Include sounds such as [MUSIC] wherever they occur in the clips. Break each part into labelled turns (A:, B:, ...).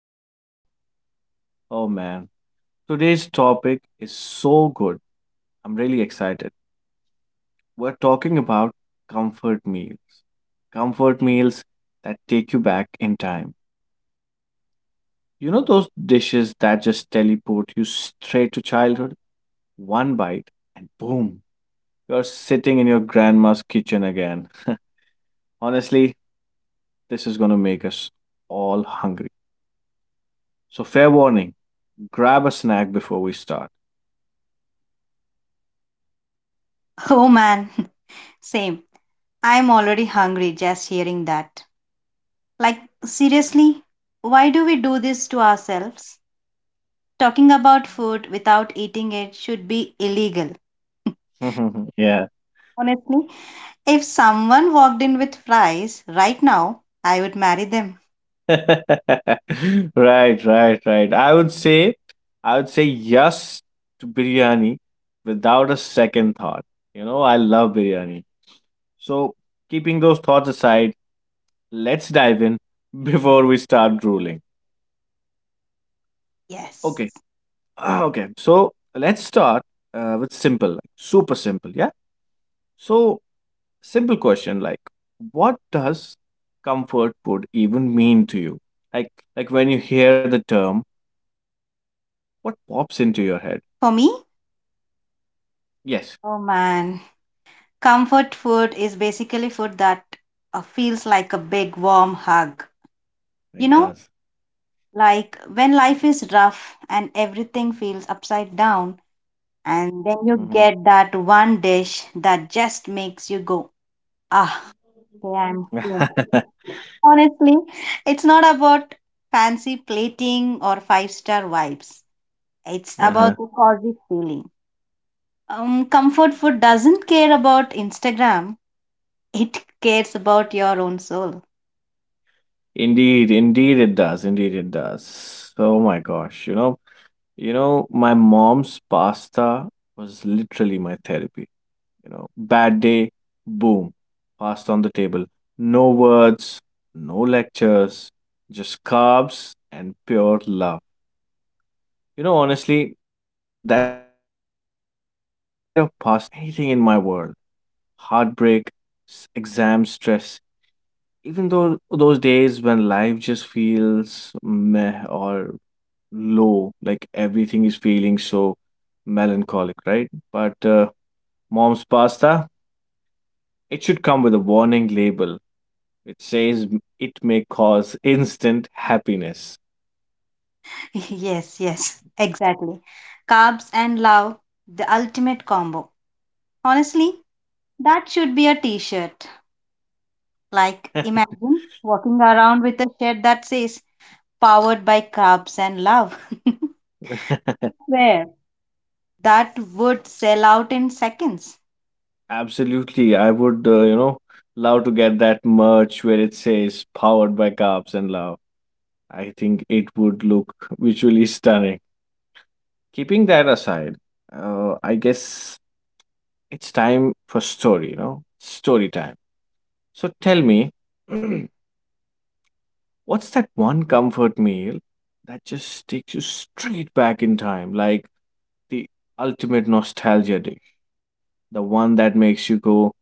A: or Coffee. Oh man, today's topic is so good. I'm really excited. We're talking about comfort meals. Comfort meals that take you back in time. You know those dishes that just teleport you straight to childhood? One bite and boom, you're sitting in your grandma's kitchen again. Honestly, this is gonna make us all hungry. So, fair warning, grab a snack before we start.
B: Oh man, [LAUGHS] same. I'm already hungry just hearing that. Like, seriously, why do we do this to ourselves? Talking about food without eating it should be illegal. [LAUGHS]
A: [LAUGHS] Yeah.
B: Honestly, if someone walked in with fries right now, I would marry them.
A: [LAUGHS] Right, right, right. I would say yes to biryani without a second thought. You know, I love biryani. So, keeping those thoughts aside, let's dive in [LAUGHS] before we start drooling.
B: Yes.
A: Okay. [CLEARS THROAT] Okay. So, let's start with simple, like super simple, yeah? So, simple question, like what does comfort food even mean to you, like like when you hear the term, what pops into your head?
B: For me?
A: Yes.
B: Oh man, comfort food is basically food that feels like a big warm hug.
A: It
B: You
A: does.
B: know, like when life is rough and everything feels upside down, and
A: Hmm.
B: then you get that one dish that just makes you go, ah, okay,
A: [LAUGHS]
B: I'm home.
A: Uh-huh.
B: Honestly, it's not about fancy plating or five-star vibes. It's about the cozy feeling. Comfort food doesn't care about Instagram. It cares about your own soul.
A: Indeed, it does, indeed, it does. Oh my gosh, my mom's pasta was literally my therapy. You know, bad day, boom, passed on the table. No words, no lectures, just carbs and pure love. You know, honestly, that plate of pasta could fix anything, anything in my world. Heartbreak, exam stress, even though those days when life just feels meh or low, like everything is feeling so melancholic, right? But mom's pasta, it should come with a warning label. It says it may cause instant happiness.
B: [LAUGHS] Yes, yes, exactly. Carbs and love, the ultimate combo. Honestly, that should be a t-shirt. Like, imagine walking around with a shirt that says powered by crabs and love. [LAUGHS]
A: [LAUGHS]
B: Where? That would sell out in seconds.
A: Absolutely. I would, love to get that merch where it says powered by carbs and love. I think it would look visually stunning. Keeping that aside, I guess it's time for story, story time. So tell me, [CLEARS THROAT] what's that one comfort meal that just takes you straight back in time, like the ultimate nostalgia dish? The one that makes you go,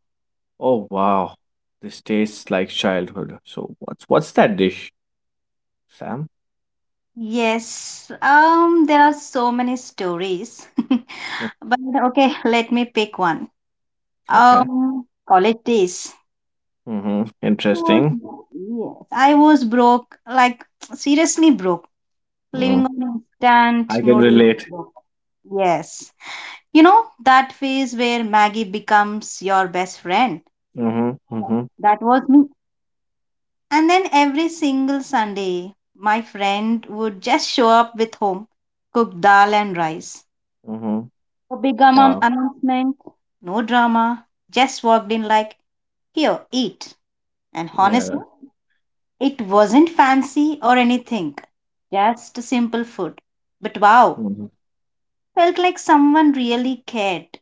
A: "Oh wow, this tastes like childhood." So what's that dish, Sam?
B: Yes, there are so many stories. [LAUGHS]
A: Mm.
B: But okay, let me pick one.
A: Okay.
B: College days.
A: Mm-hmm.
B: I
A: Interesting.
B: was, yes, I was broke, like seriously broke, living
A: Mm,
B: on instant
A: I can relate.
B: noodles. Yes. You know, that phase where Maggie becomes your best friend.
A: Mm-hmm. Mm-hmm.
B: That was me. And then every single Sunday, my friend would just show up with home, cooked dal and rice.
A: Mm-hmm.
B: A big amount
A: Wow.
B: announcement. No drama, just walked in like, here, eat. And honestly,
A: Yeah.
B: it wasn't fancy or anything, just simple food. But wow,
A: Mm-hmm.
B: felt like someone really cared.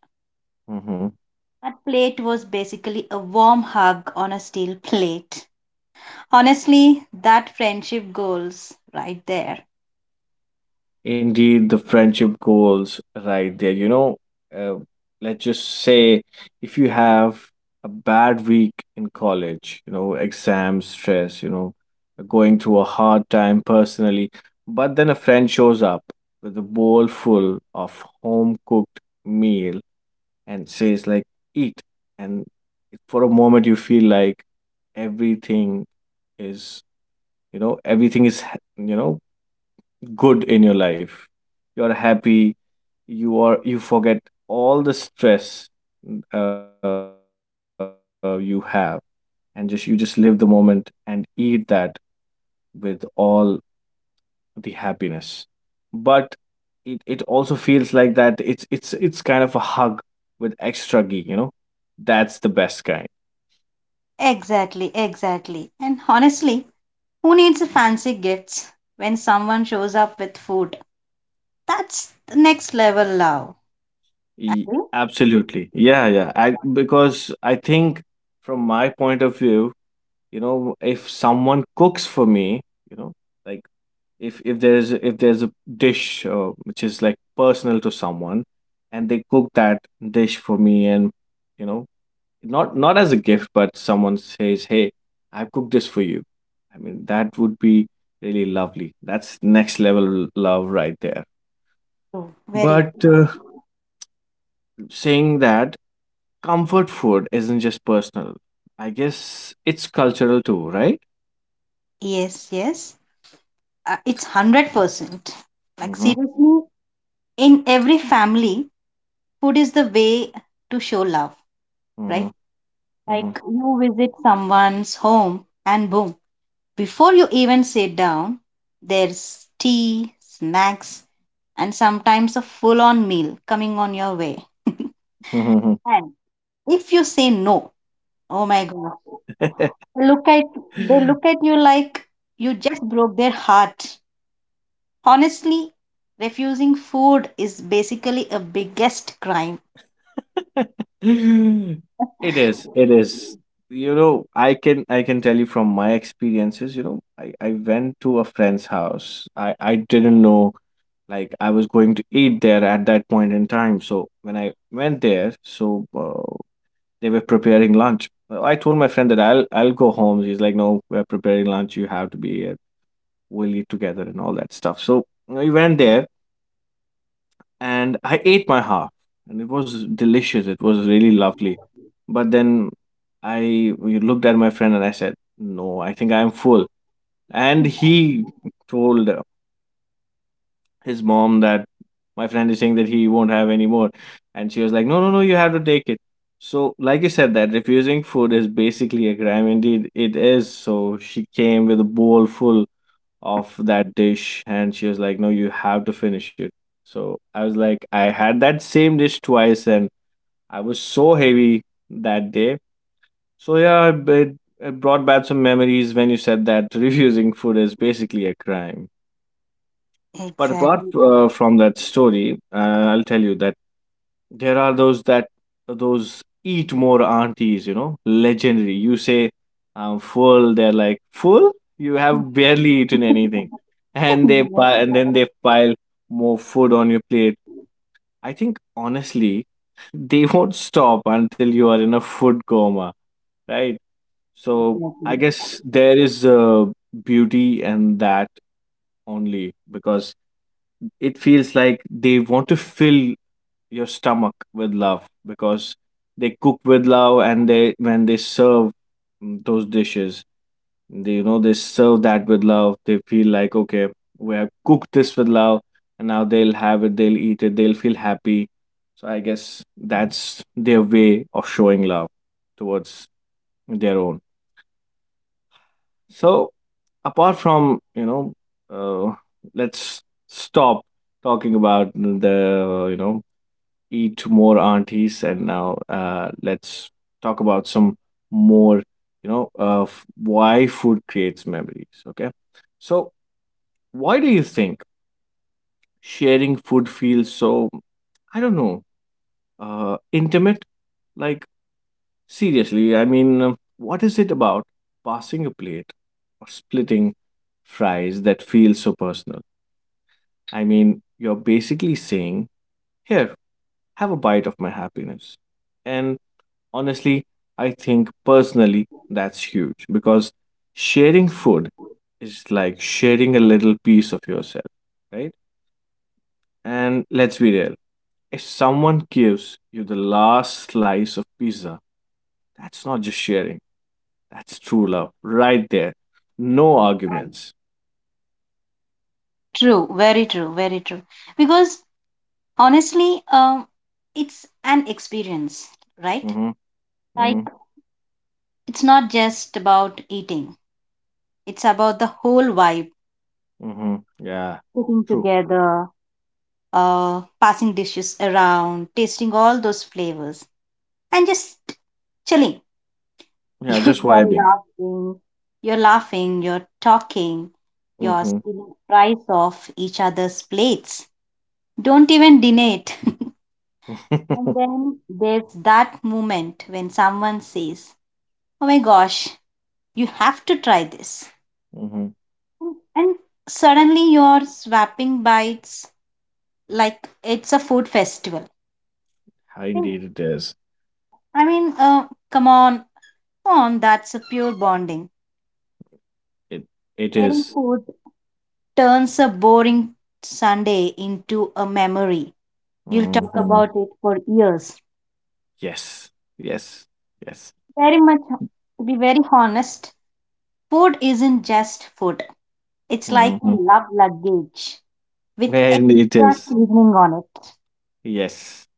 A: Mm-hmm.
B: That plate was basically a warm hug on a steel [LAUGHS] plate. Honestly, that friendship goals right there.
A: Indeed, the friendship goals right there. You know, uh, let's just say if you have a bad week in college, you know, exams, stress, you know, going through a hard time personally, but then a friend shows up with a bowl full of home cooked meal and says, like, eat. And for a moment, you feel like everything is, everything is, you know, good in your life, you're happy, you forget all the stress you have, and just you just live the moment and eat that with all the happiness. But it also feels like that it's kind of a hug with extra ghee. You know that's the best kind.
B: Exactly, exactly. And honestly, who needs fancy gifts when someone shows up with food? That's the next level love. Agree?
A: Absolutely, yeah, yeah. I because i think, from my point of view, you know if someone cooks for me, you know like if there's a dish which is like personal to someone and they cook that dish for me, and you know not as a gift, but someone says, hey, I cooked this for you, I mean that would be really lovely. That's next level love right there.
B: True. Very
A: But
B: true.
A: saying that, comfort food isn't just personal, I guess it's cultural too, right?
B: Yes, yes. It's 100%. Like
A: Mm-hmm,
B: seriously, in every family, food is the way to show love,
A: mm-hmm,
B: right?
A: mm-hmm.
B: Like you visit someone's home and boom, before you even sit down, there's tea, snacks, and sometimes a full on meal coming on your way. [LAUGHS]
A: Mhm.
B: And if you say no, oh my
A: [LAUGHS]
B: god, look at they look at you like you just broke their heart. Honestly, refusing food is basically a biggest crime.
A: It is. It is. You know, I can tell you from my experiences. You know, I went to a friend's house. I didn't know like I was going to eat there at that point in time. So when I went there, so they were preparing lunch. I told my friend that I'll go home. He's like, "No, we're preparing lunch. You have to be here. We'll eat together and all that stuff." So we went there and I ate my half, and it was delicious. It was really lovely. But then I looked at my friend and I said, "No, I think I am full." And he told his mom that my friend is saying that he won't have any more, and she was like, "No, no, no, you have to take it." So, like you said, that refusing food is basically a crime. Indeed, it is. So she came with a bowl full of that dish and she was like, no, you have to finish it. So I was like, I had that same dish twice and I was so heavy that day. So yeah, it brought back some memories when you said that [LAUGHS] refusing food is basically a crime. But apart
B: Exactly. [LAUGHS]
A: from that story, I'll tell you that there are those eat more aunties, you know, legendary. You say, "I'm full," they're like, "Full? You have barely eaten anything,"
B: Yes,
A: and
B: yes,
A: then they pile more food on your plate. I think, honestly, they [LAUGHS] won't stop until you are in a food coma, right? So I
B: exactly.
A: guess there is a beauty in that only because it feels like they want to fill your stomach with love, because they cook with love, and they when they serve those dishes, they you know they serve that with love. They feel like, okay, we have cooked this with love, and now they'll have it, they'll eat it, they'll feel happy. So I guess that's their way of showing love towards their own. So apart from, uh, let's stop talking about the, eat more aunties, and now let's talk about some more, of why food creates memories, okay? So why do you think sharing food feels so, I don't know, intimate? Like, seriously, I mean, what is it about passing a plate or splitting fries that feels so personal? I mean, you're basically saying, here, have a bite of my happiness. And honestly, I think personally that's huge because sharing food is like sharing a little piece of yourself, right? And let's be real, if someone gives you the last slice of pizza, that's not just sharing, that's true love right there. No arguments.
B: [LAUGHS] True, very true, very true. Because honestly, it's an experience, right?
A: Mm hmm,
B: Like,
A: mm
B: it's not just about eating, it's about the whole vibe,
A: hmm, mm hmm. Yeah,
B: sitting
A: true.
B: together, passing dishes around, tasting all those flavors, and just chilling. [LAUGHS]
A: Yeah,
B: You-
A: just
B: You're
A: vibing.
B: laughing, you're laughing, you're talking,
A: Mm
B: you're
A: hmm,
B: stealing fries off each other's plates. Don't even deny it. [LAUGHS] And
A: mm
B: then there's that moment when someone says, oh my gosh, you have to try this,
A: hmm. [LAUGHS]
B: and suddenly you're swapping bites like it's a food festival.
A: Indeed, it is.
B: I mean, come on, that's a pure bonding.
A: It, it
B: Sharing
A: is.
B: food turns a boring Sunday into a memory you'll
A: Mm
B: talk
A: hmm.
B: about it for years.
A: Yes. Yes. Yes.
B: Very much to be very honest, food isn't just food, it's like a
A: Mhm.
B: love luggage with
A: And it
B: extra
A: is.
B: seasoning on it.
A: Yes.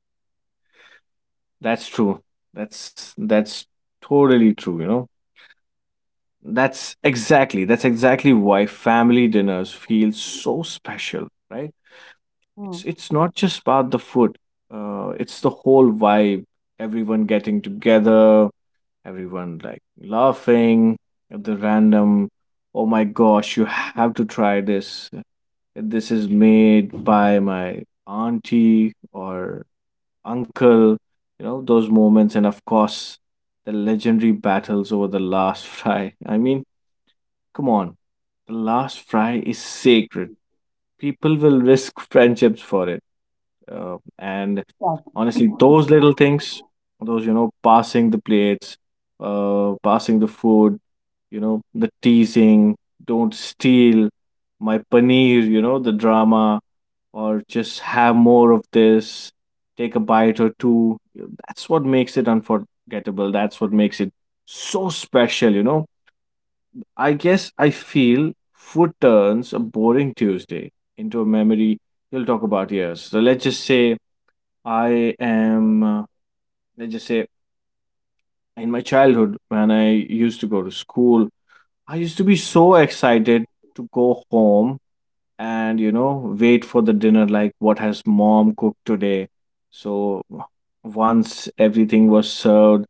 A: That's true. That's totally true. That's exactly why family dinners feel so special, right?
B: Mm,
A: It's not just about the food. It's the whole vibe. Everyone getting together, everyone like laughing at the random, oh my gosh, you have to try this. This is made by my auntie or uncle, those moments, and of course, the legendary battles over the last [LAUGHS] fry. I mean, come on, the last fry is sacred. People will risk [LAUGHS] friendships for it. And
B: yes.
A: honestly, those little things,
B: [LAUGHS]
A: those, passing the plates, passing the food, the teasing, don't steal my paneer, the drama, or just have more of this, take a bite or two. That's what makes it unforgettable. That's what makes it so special, you know? I guess I feel food turns a boring Tuesday into a memory you'll talk about years. So let's just say I am, let's just say in my childhood when I used to go to school, I used to be so excited to go home and wait for the dinner, like what has mom cooked today. So once everything was served,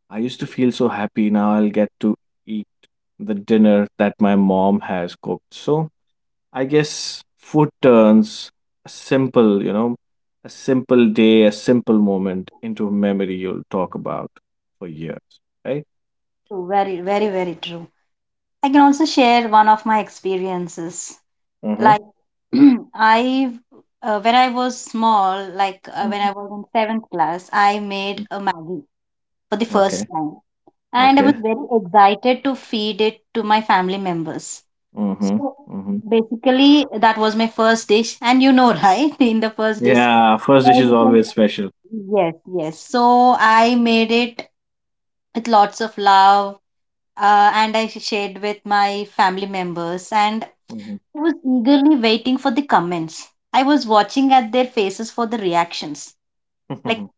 A: I used to feel so happy, now I'll get to eat the dinner that my mom has cooked. So I guess food turns a simple you know a simple day, a simple moment into a memory you'll talk about for years, right?
B: True, very, very, very true. I can also share one of my experiences.
A: Mm-hmm,
B: Like, [CLEARS THROAT] I, when I was small, like when
A: mm-hmm.
B: I was in seventh class, I made a Maggie for the
A: Mm-hmm.
B: first
A: Okay.
B: time. And I was
A: Okay.
B: very excited to feed it to my family members.
A: Mm-hmm,
B: So
A: mm-hmm.
B: basically, that was my first dish. And you know, [LAUGHS] right? In the first dish,
A: Yeah, first dish is
B: everything.
A: always special.
B: Yes, yes. So I made it with lots of love and I shared with my family members, and
A: Mhm.
B: I was eagerly waiting for the comments. I was watching at their faces for the reactions. Like,
A: Mhm,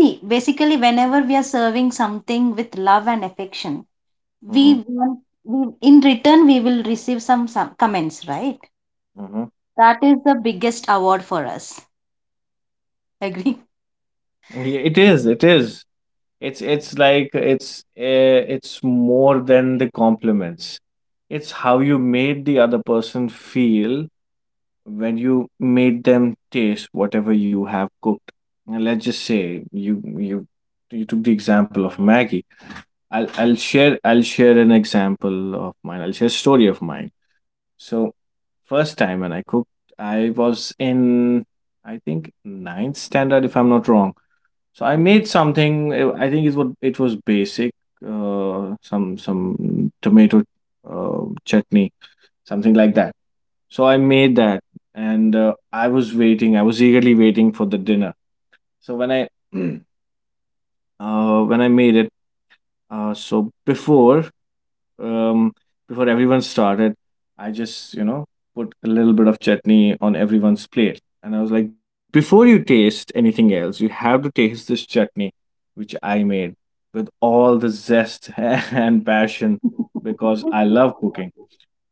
B: see, basically, whenever we are serving something with love and affection,
A: mhm,
B: we want, we, in return, we will receive some comments, right?
A: mhm.
B: That is the biggest award for us. [LAUGHS] Agree?
A: Yeah, it is. It is. It's like it's more than the compliments. It's how you made the other person feel when you made them taste whatever you have cooked. And let's just say you you took the example of Maggie. I'll share an example of mine. I'll share a story of mine. So first time when I cooked, I was in, I think, ninth standard, if I'm not wrong. So I made something. I think it was basic, some tomato chutney, something like that. So I made that, and I was waiting. I was eagerly waiting for the dinner. So when I [CLEARS THROAT] when I made it, so um, before everyone started, I just, put a little bit of chutney on everyone's plate. And I was like, before you taste anything else, you have to taste this chutney, which I made with all the zest [LAUGHS] and passion because I love cooking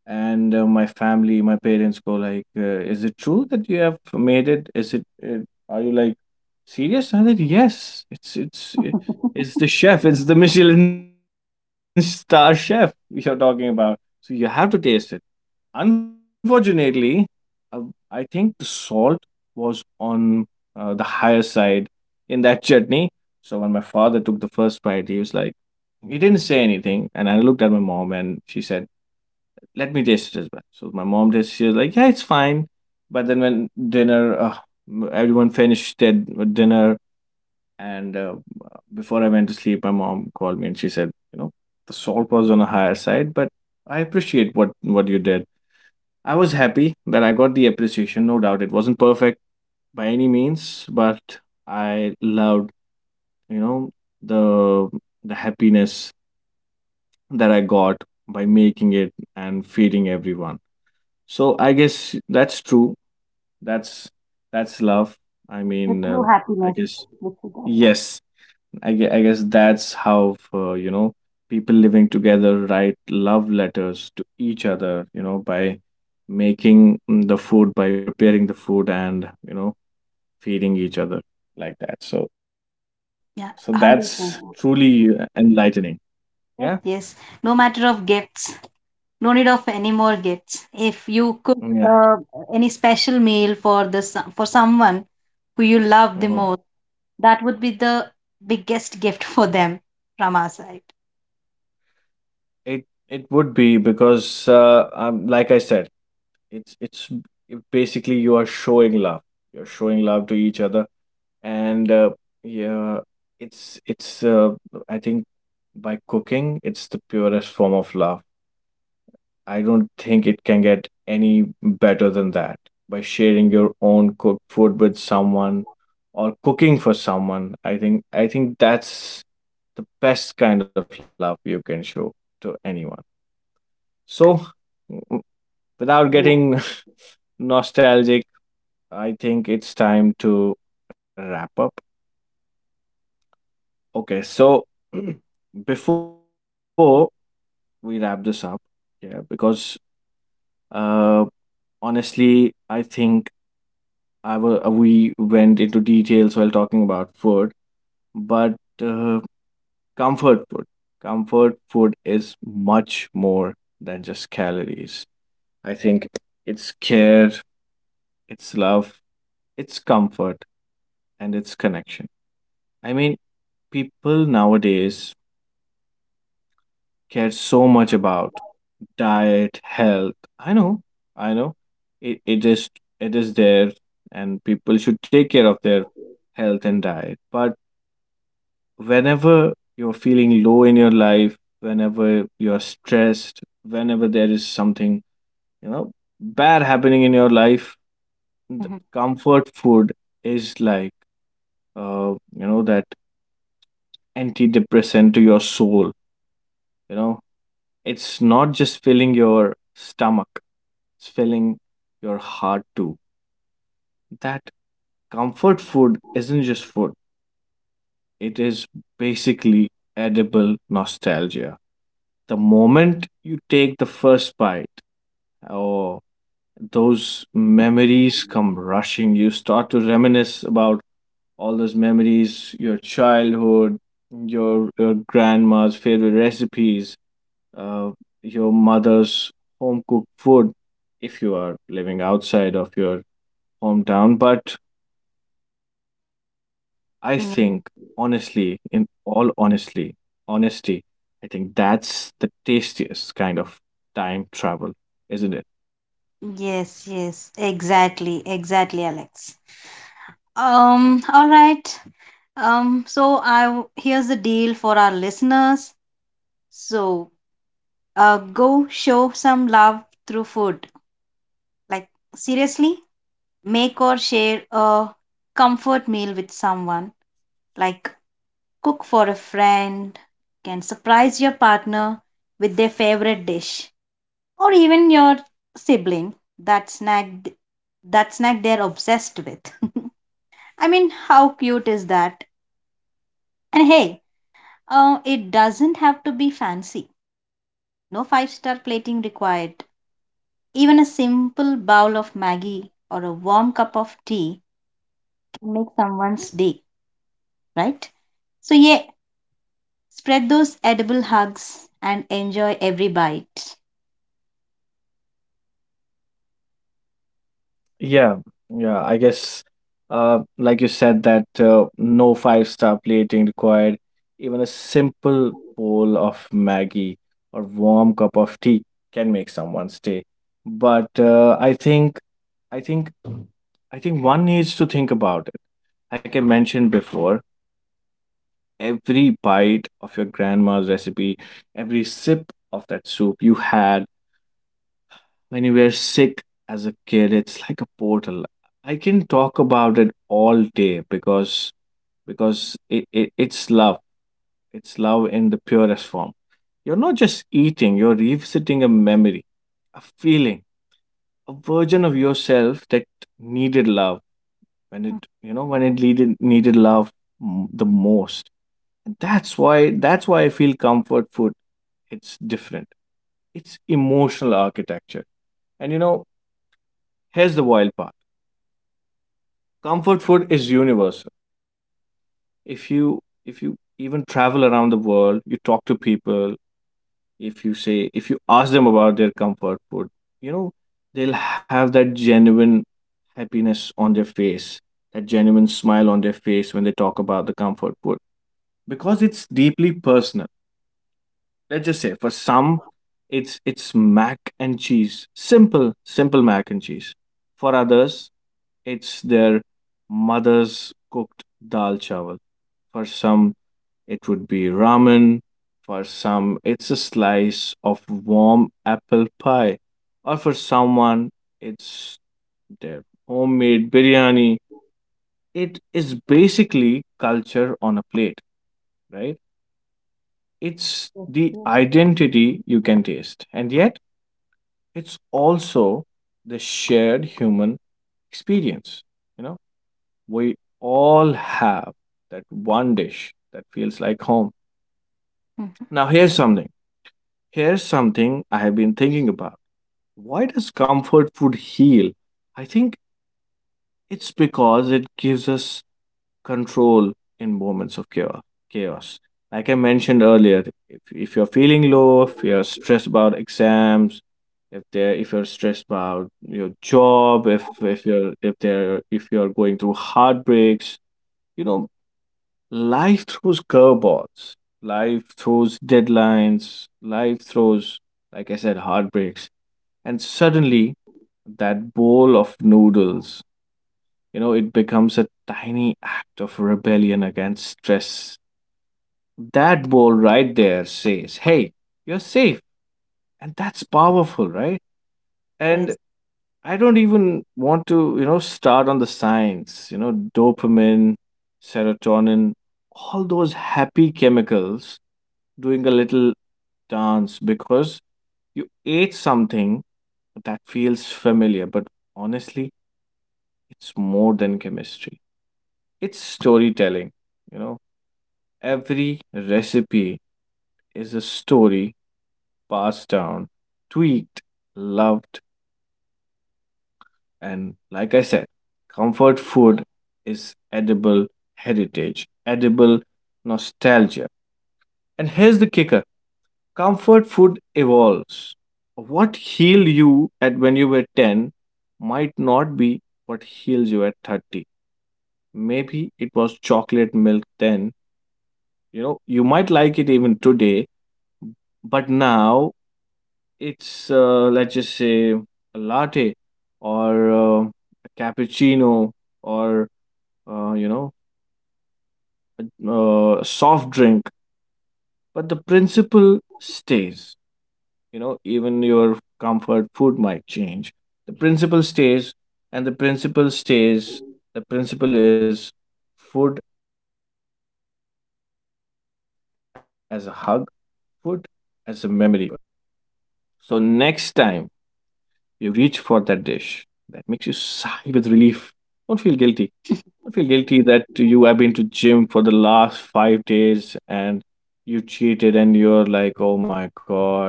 A: and my family my parents go like is it true that you have made it, is it? Are you like serious? And I said, yes,
B: [LAUGHS]
A: it's the chef, it's the Michelin star chef you're talking about, so you have to taste it. Unfortunately, uh, I think the salt was on the higher side in that chutney. So when my father took the first bite, he was like, he didn't say anything, and I looked at my mom and she said, let me taste it as well. So my mom just, she was like, yeah, it's fine. But then when everyone finished their dinner, and before I went to sleep, my mom called me and she said, you know, the salt was on a higher side, but I appreciate what you did. I was happy that I got the appreciation. No doubt, it wasn't perfect by any means, but I loved, you know, the the happiness that I got by making it and feeding everyone. So I guess that's true. That's love. I
B: The
A: mean,
B: true
A: I
B: happiness
A: guess.
B: that you get.
A: Yes. I guess that's how you know, people living together write love letters to each other. You know, by making the food, by preparing the food, and you know, feeding each other like that. So that's
B: Yeah,
A: truly
B: 100. Yes, Nandita.
A: enlightening. Yeah.
B: Yes, yes. No matter of gifts. No need of any more gifts. If you
A: Mm,
B: cook
A: yeah.
B: uh, any special meal for the for someone who you love the
A: Hmm.
B: most, that would be the biggest gift [LAUGHS] for them from our side.
A: It would be because like I said. It's it's basically you are showing love. You're showing love to each other, and yeah, it's I think by cooking, it's the purest form of love. I don't think it can get any better than that. By sharing your own cooked food with someone or cooking for someone, I think that's the best kind of love you can show to anyone. So, w- without getting
B: Agreed.
A: [LAUGHS] nostalgic, I think it's time to wrap up. Okay, so [CLEARS THROAT] before we wrap this up, yeah, because uh, honestly, I think we went into details while talking about food, but uh, comfort food, comfort food is much more than just calories. I think it's care, it's love, it's comfort, and it's connection. I mean, people nowadays cares so much about diet, health. I know, I know. It it is there and people should take care of their health and diet. But whenever you're feeling low in your life, whenever you're stressed, whenever there is something, you know, bad happening in your life, the
B: Mhm.
A: comfort food is like you know, that antidepressant to your soul, you know. It's not just filling your stomach, it's filling your heart too. That comfort food isn't just food, it is basically edible nostalgia. The moment you take the first bite, oh, those
B: [LAUGHS]
A: memories come rushing. You start to reminisce about all those memories, your childhood, your grandma's favorite recipes, uh, your mother's home cooked food if you are living outside of your hometown. But I think honestly,
B: Yeah.
A: honesty, I think that's the tastiest kind of time travel, isn't it?
B: Yes, yes, exactly, exactly, Alex. All right. Here's the deal for our listeners. So, go show some love through food. Like seriously, make or share a comfort meal with someone. Like cook for a friend. Can surprise your partner with their favorite dish, or even your sibling that snack that snack they're obsessed with. [LAUGHS] I mean, how cute is that? And hey, it doesn't have to be fancy. No five-star plating required. Even a simple bowl of Maggie or a warm cup of tea can make someone's day, right? So yeah, spread those edible hugs and enjoy every bite.
A: Yeah, yeah. I guess, like you said, that no five-star plating required. Even a simple bowl of Maggie or warm cup of tea can make someone stay. But I think, I think, I think one needs to think about it. Like I mentioned before, every bite of your grandma's recipe, every sip of that soup you had when you were sick as a kid. It's like a portal. I can talk about it all day because it, it's love. It's love in the purest form. You're not just eating, you're revisiting a memory, a feeling, a version of yourself that needed love when it you know when it needed love the most. That's why I feel comfort food. It's different. It's emotional architecture. And you know, here's the wild part. Comfort food is universal. If you even travel around the world, you talk to people, if you ask them about their comfort food, you know, they'll have that genuine happiness on their face, that genuine smile on their face when they talk about the comfort food because it's deeply personal. Let's just say for some, it's mac and cheese, simple mac and cheese. For others, it's their mother's cooked dal chawal. For some, it would be ramen. For some, it's a slice of warm apple pie, or for someone, it's their homemade biryani. It is basically culture on a plate, right? It's the identity you can taste, and yet it's also the shared human experience. You know, we all have that one dish that feels like home.
B: Mhm.
A: Now, here's something. Here's something I have been thinking about. Why does comfort food heal? I think it's because it gives us control in moments of chaos. Chaos. Like I mentioned earlier, if you're feeling low, if you're stressed about exams, if you're stressed about your job, if you're going through heartbreaks, you know, life throws curveballs. Life throws deadlines. Life throws, like I said, heartbreaks. And suddenly, that bowl of noodles, you know, it becomes a tiny act of rebellion against stress. That ball right there says, hey, you're safe. And that's powerful, right?
B: Yes,
A: And I don't even want to, you know, start on the science, you know, dopamine, serotonin, all those happy chemicals doing a little dance because you ate something that feels familiar, but honestly, it's more than chemistry. It's storytelling, you know. Every recipe is a story passed down, tweaked, loved, and like I said, comfort food is edible heritage, edible nostalgia. And here's the kicker, comfort food evolves. What healed you at when you were 10 might not be what heals you at 30. Maybe it was chocolate milk then. You know, you might like it even today, but now it's, let's just say, a latte or a cappuccino or, you know, a soft drink. But the principle stays. You know, even your comfort food might change. The principle stays, and the principle stays. The principle is food as a hug, food as a memory keeper. So next time you reach for that dish that makes you sigh with relief, don't feel guilty. Don't feel guilty that you have been to gym for the last 5 days, and you cheated and you're like, oh my God,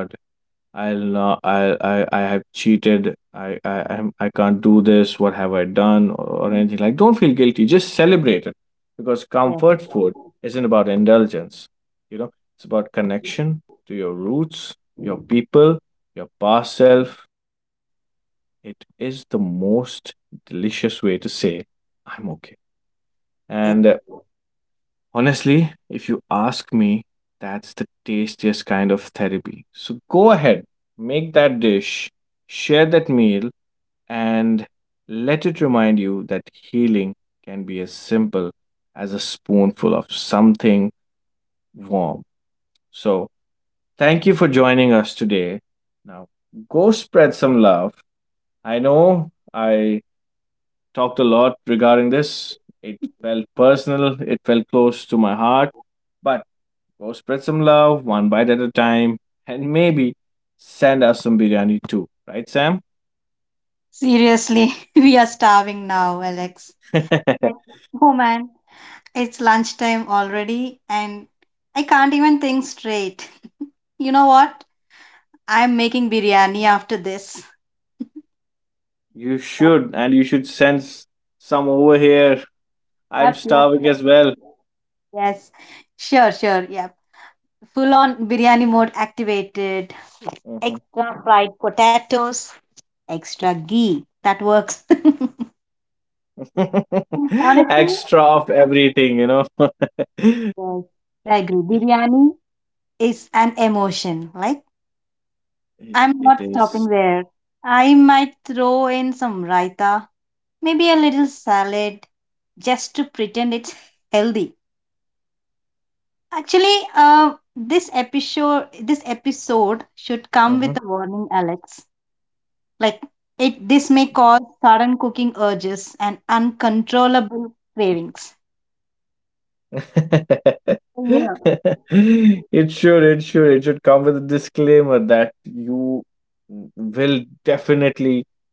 A: I'll not, I have cheated. I'm- I can't do this. What have I done? Or anything like. Don't feel guilty. Just celebrate it, because
B: yes,
A: comfort food isn't about indulgence. You know, it's about connection to your roots, your people, your past self. It is the most delicious way to say, I'm okay. And
B: yes,
A: honestly, if you ask me, that's the tastiest kind of therapy. So go ahead, make that dish, share that meal, and let it remind you that healing can be as simple as a spoonful of something warm. So thank you for joining us today. Now go spread some love. I know I talked a lot regarding this. It felt personal, it felt close to my heart, but go spread some love, one bite at a time, and maybe send us some biryani too, right, Sam?
B: seriously. [LAUGHS] We are starving now, Alex.
A: [LAUGHS]
B: Like, oh man, it's lunchtime already, and I can't even think straight. [LAUGHS] You know what? I'm making biryani after this.
A: You should, and you should send some over here. I'm
B: Yep, yep.
A: starving as well.
B: Yes. Sure, sure. Yep. Full on biryani mode activated.
A: Mhm.
B: Extra fried potatoes, extra ghee. That works. [LAUGHS]
A: [LAUGHS] Extra of
B: Honestly,
A: everything, you know. [LAUGHS] it,
B: yes, I agree. Biryani is an emotion. Like, I'm
A: it
B: not stopping
A: is.
B: there. I might throw in some raita, maybe a little salad, just to pretend it's healthy. Actually, this episode should come with a
A: Mhm.
B: warning, Alex. Like it, this may cause sudden cooking urges and uncontrollable cravings.
A: [LAUGHS]
B: So, yeah,
A: It should, it should come with a disclaimer that you will definitely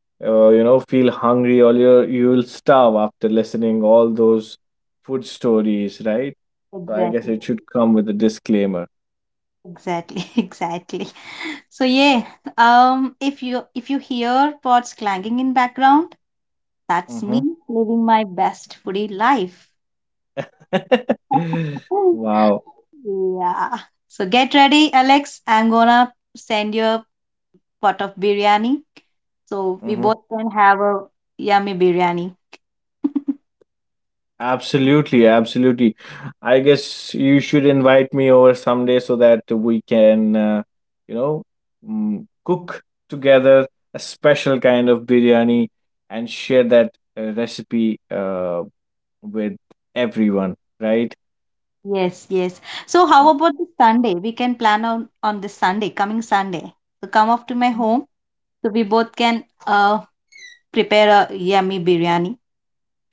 A: you know, feel hungry, or you'll starve after listening all those food stories, right? So I guess
B: exactly,
A: it should come with a disclaimer.
B: exactly, [LAUGHS] exactly. So yeah, if you hear pots clanging in background, that's
A: Hmm.
B: me living my best foodie life.
A: [LAUGHS] Wow.
B: [LAUGHS] Yeah. So get ready, Alex. I'm gonna send you a pot of biryani. So we
A: Hmm.
B: both can have a yummy biryani.
A: Absolutely, absolutely. I guess you should invite me over someday so that we can you know, cook together a special kind of biryani and share that recipe with everyone, right?
B: Yes, yes. So how about this Sunday? We can plan on this Sunday, coming Sunday. So come up to my home so we both can prepare a yummy biryani.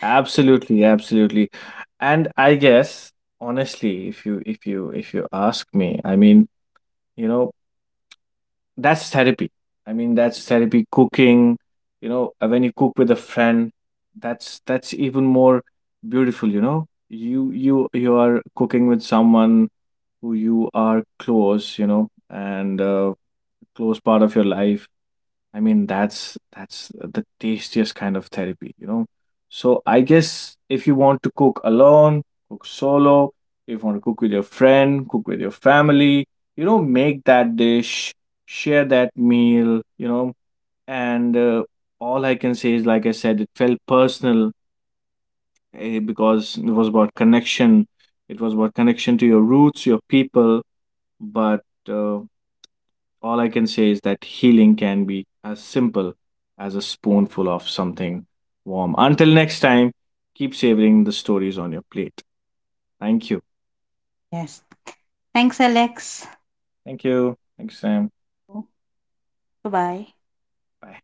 A: Absolutely, absolutely. And I guess honestly, if you ask me, I mean, you know, that's therapy. I mean, that's therapy cooking, you know, when you cook with a friend, that's even more beautiful, you know. You you are cooking with someone who you are close, you know, and close part of your life. I mean, that's the tastiest kind of therapy, you know. So I guess if you want to cook alone, cook solo. If you want to cook with your friend, cook with your family, you know, make that dish, share that meal, you know. And all I can say is, like I said, it felt personal, because it was about connection. It was about connection to your roots, your people, but all I can say is that healing can be as simple as a spoonful of something warm. Until next time, keep savoring the stories on your plate. Thank you.
B: Yes. Thanks, Alex.
A: Thank you. Thanks, Sam.
B: Bye bye.
A: Bye.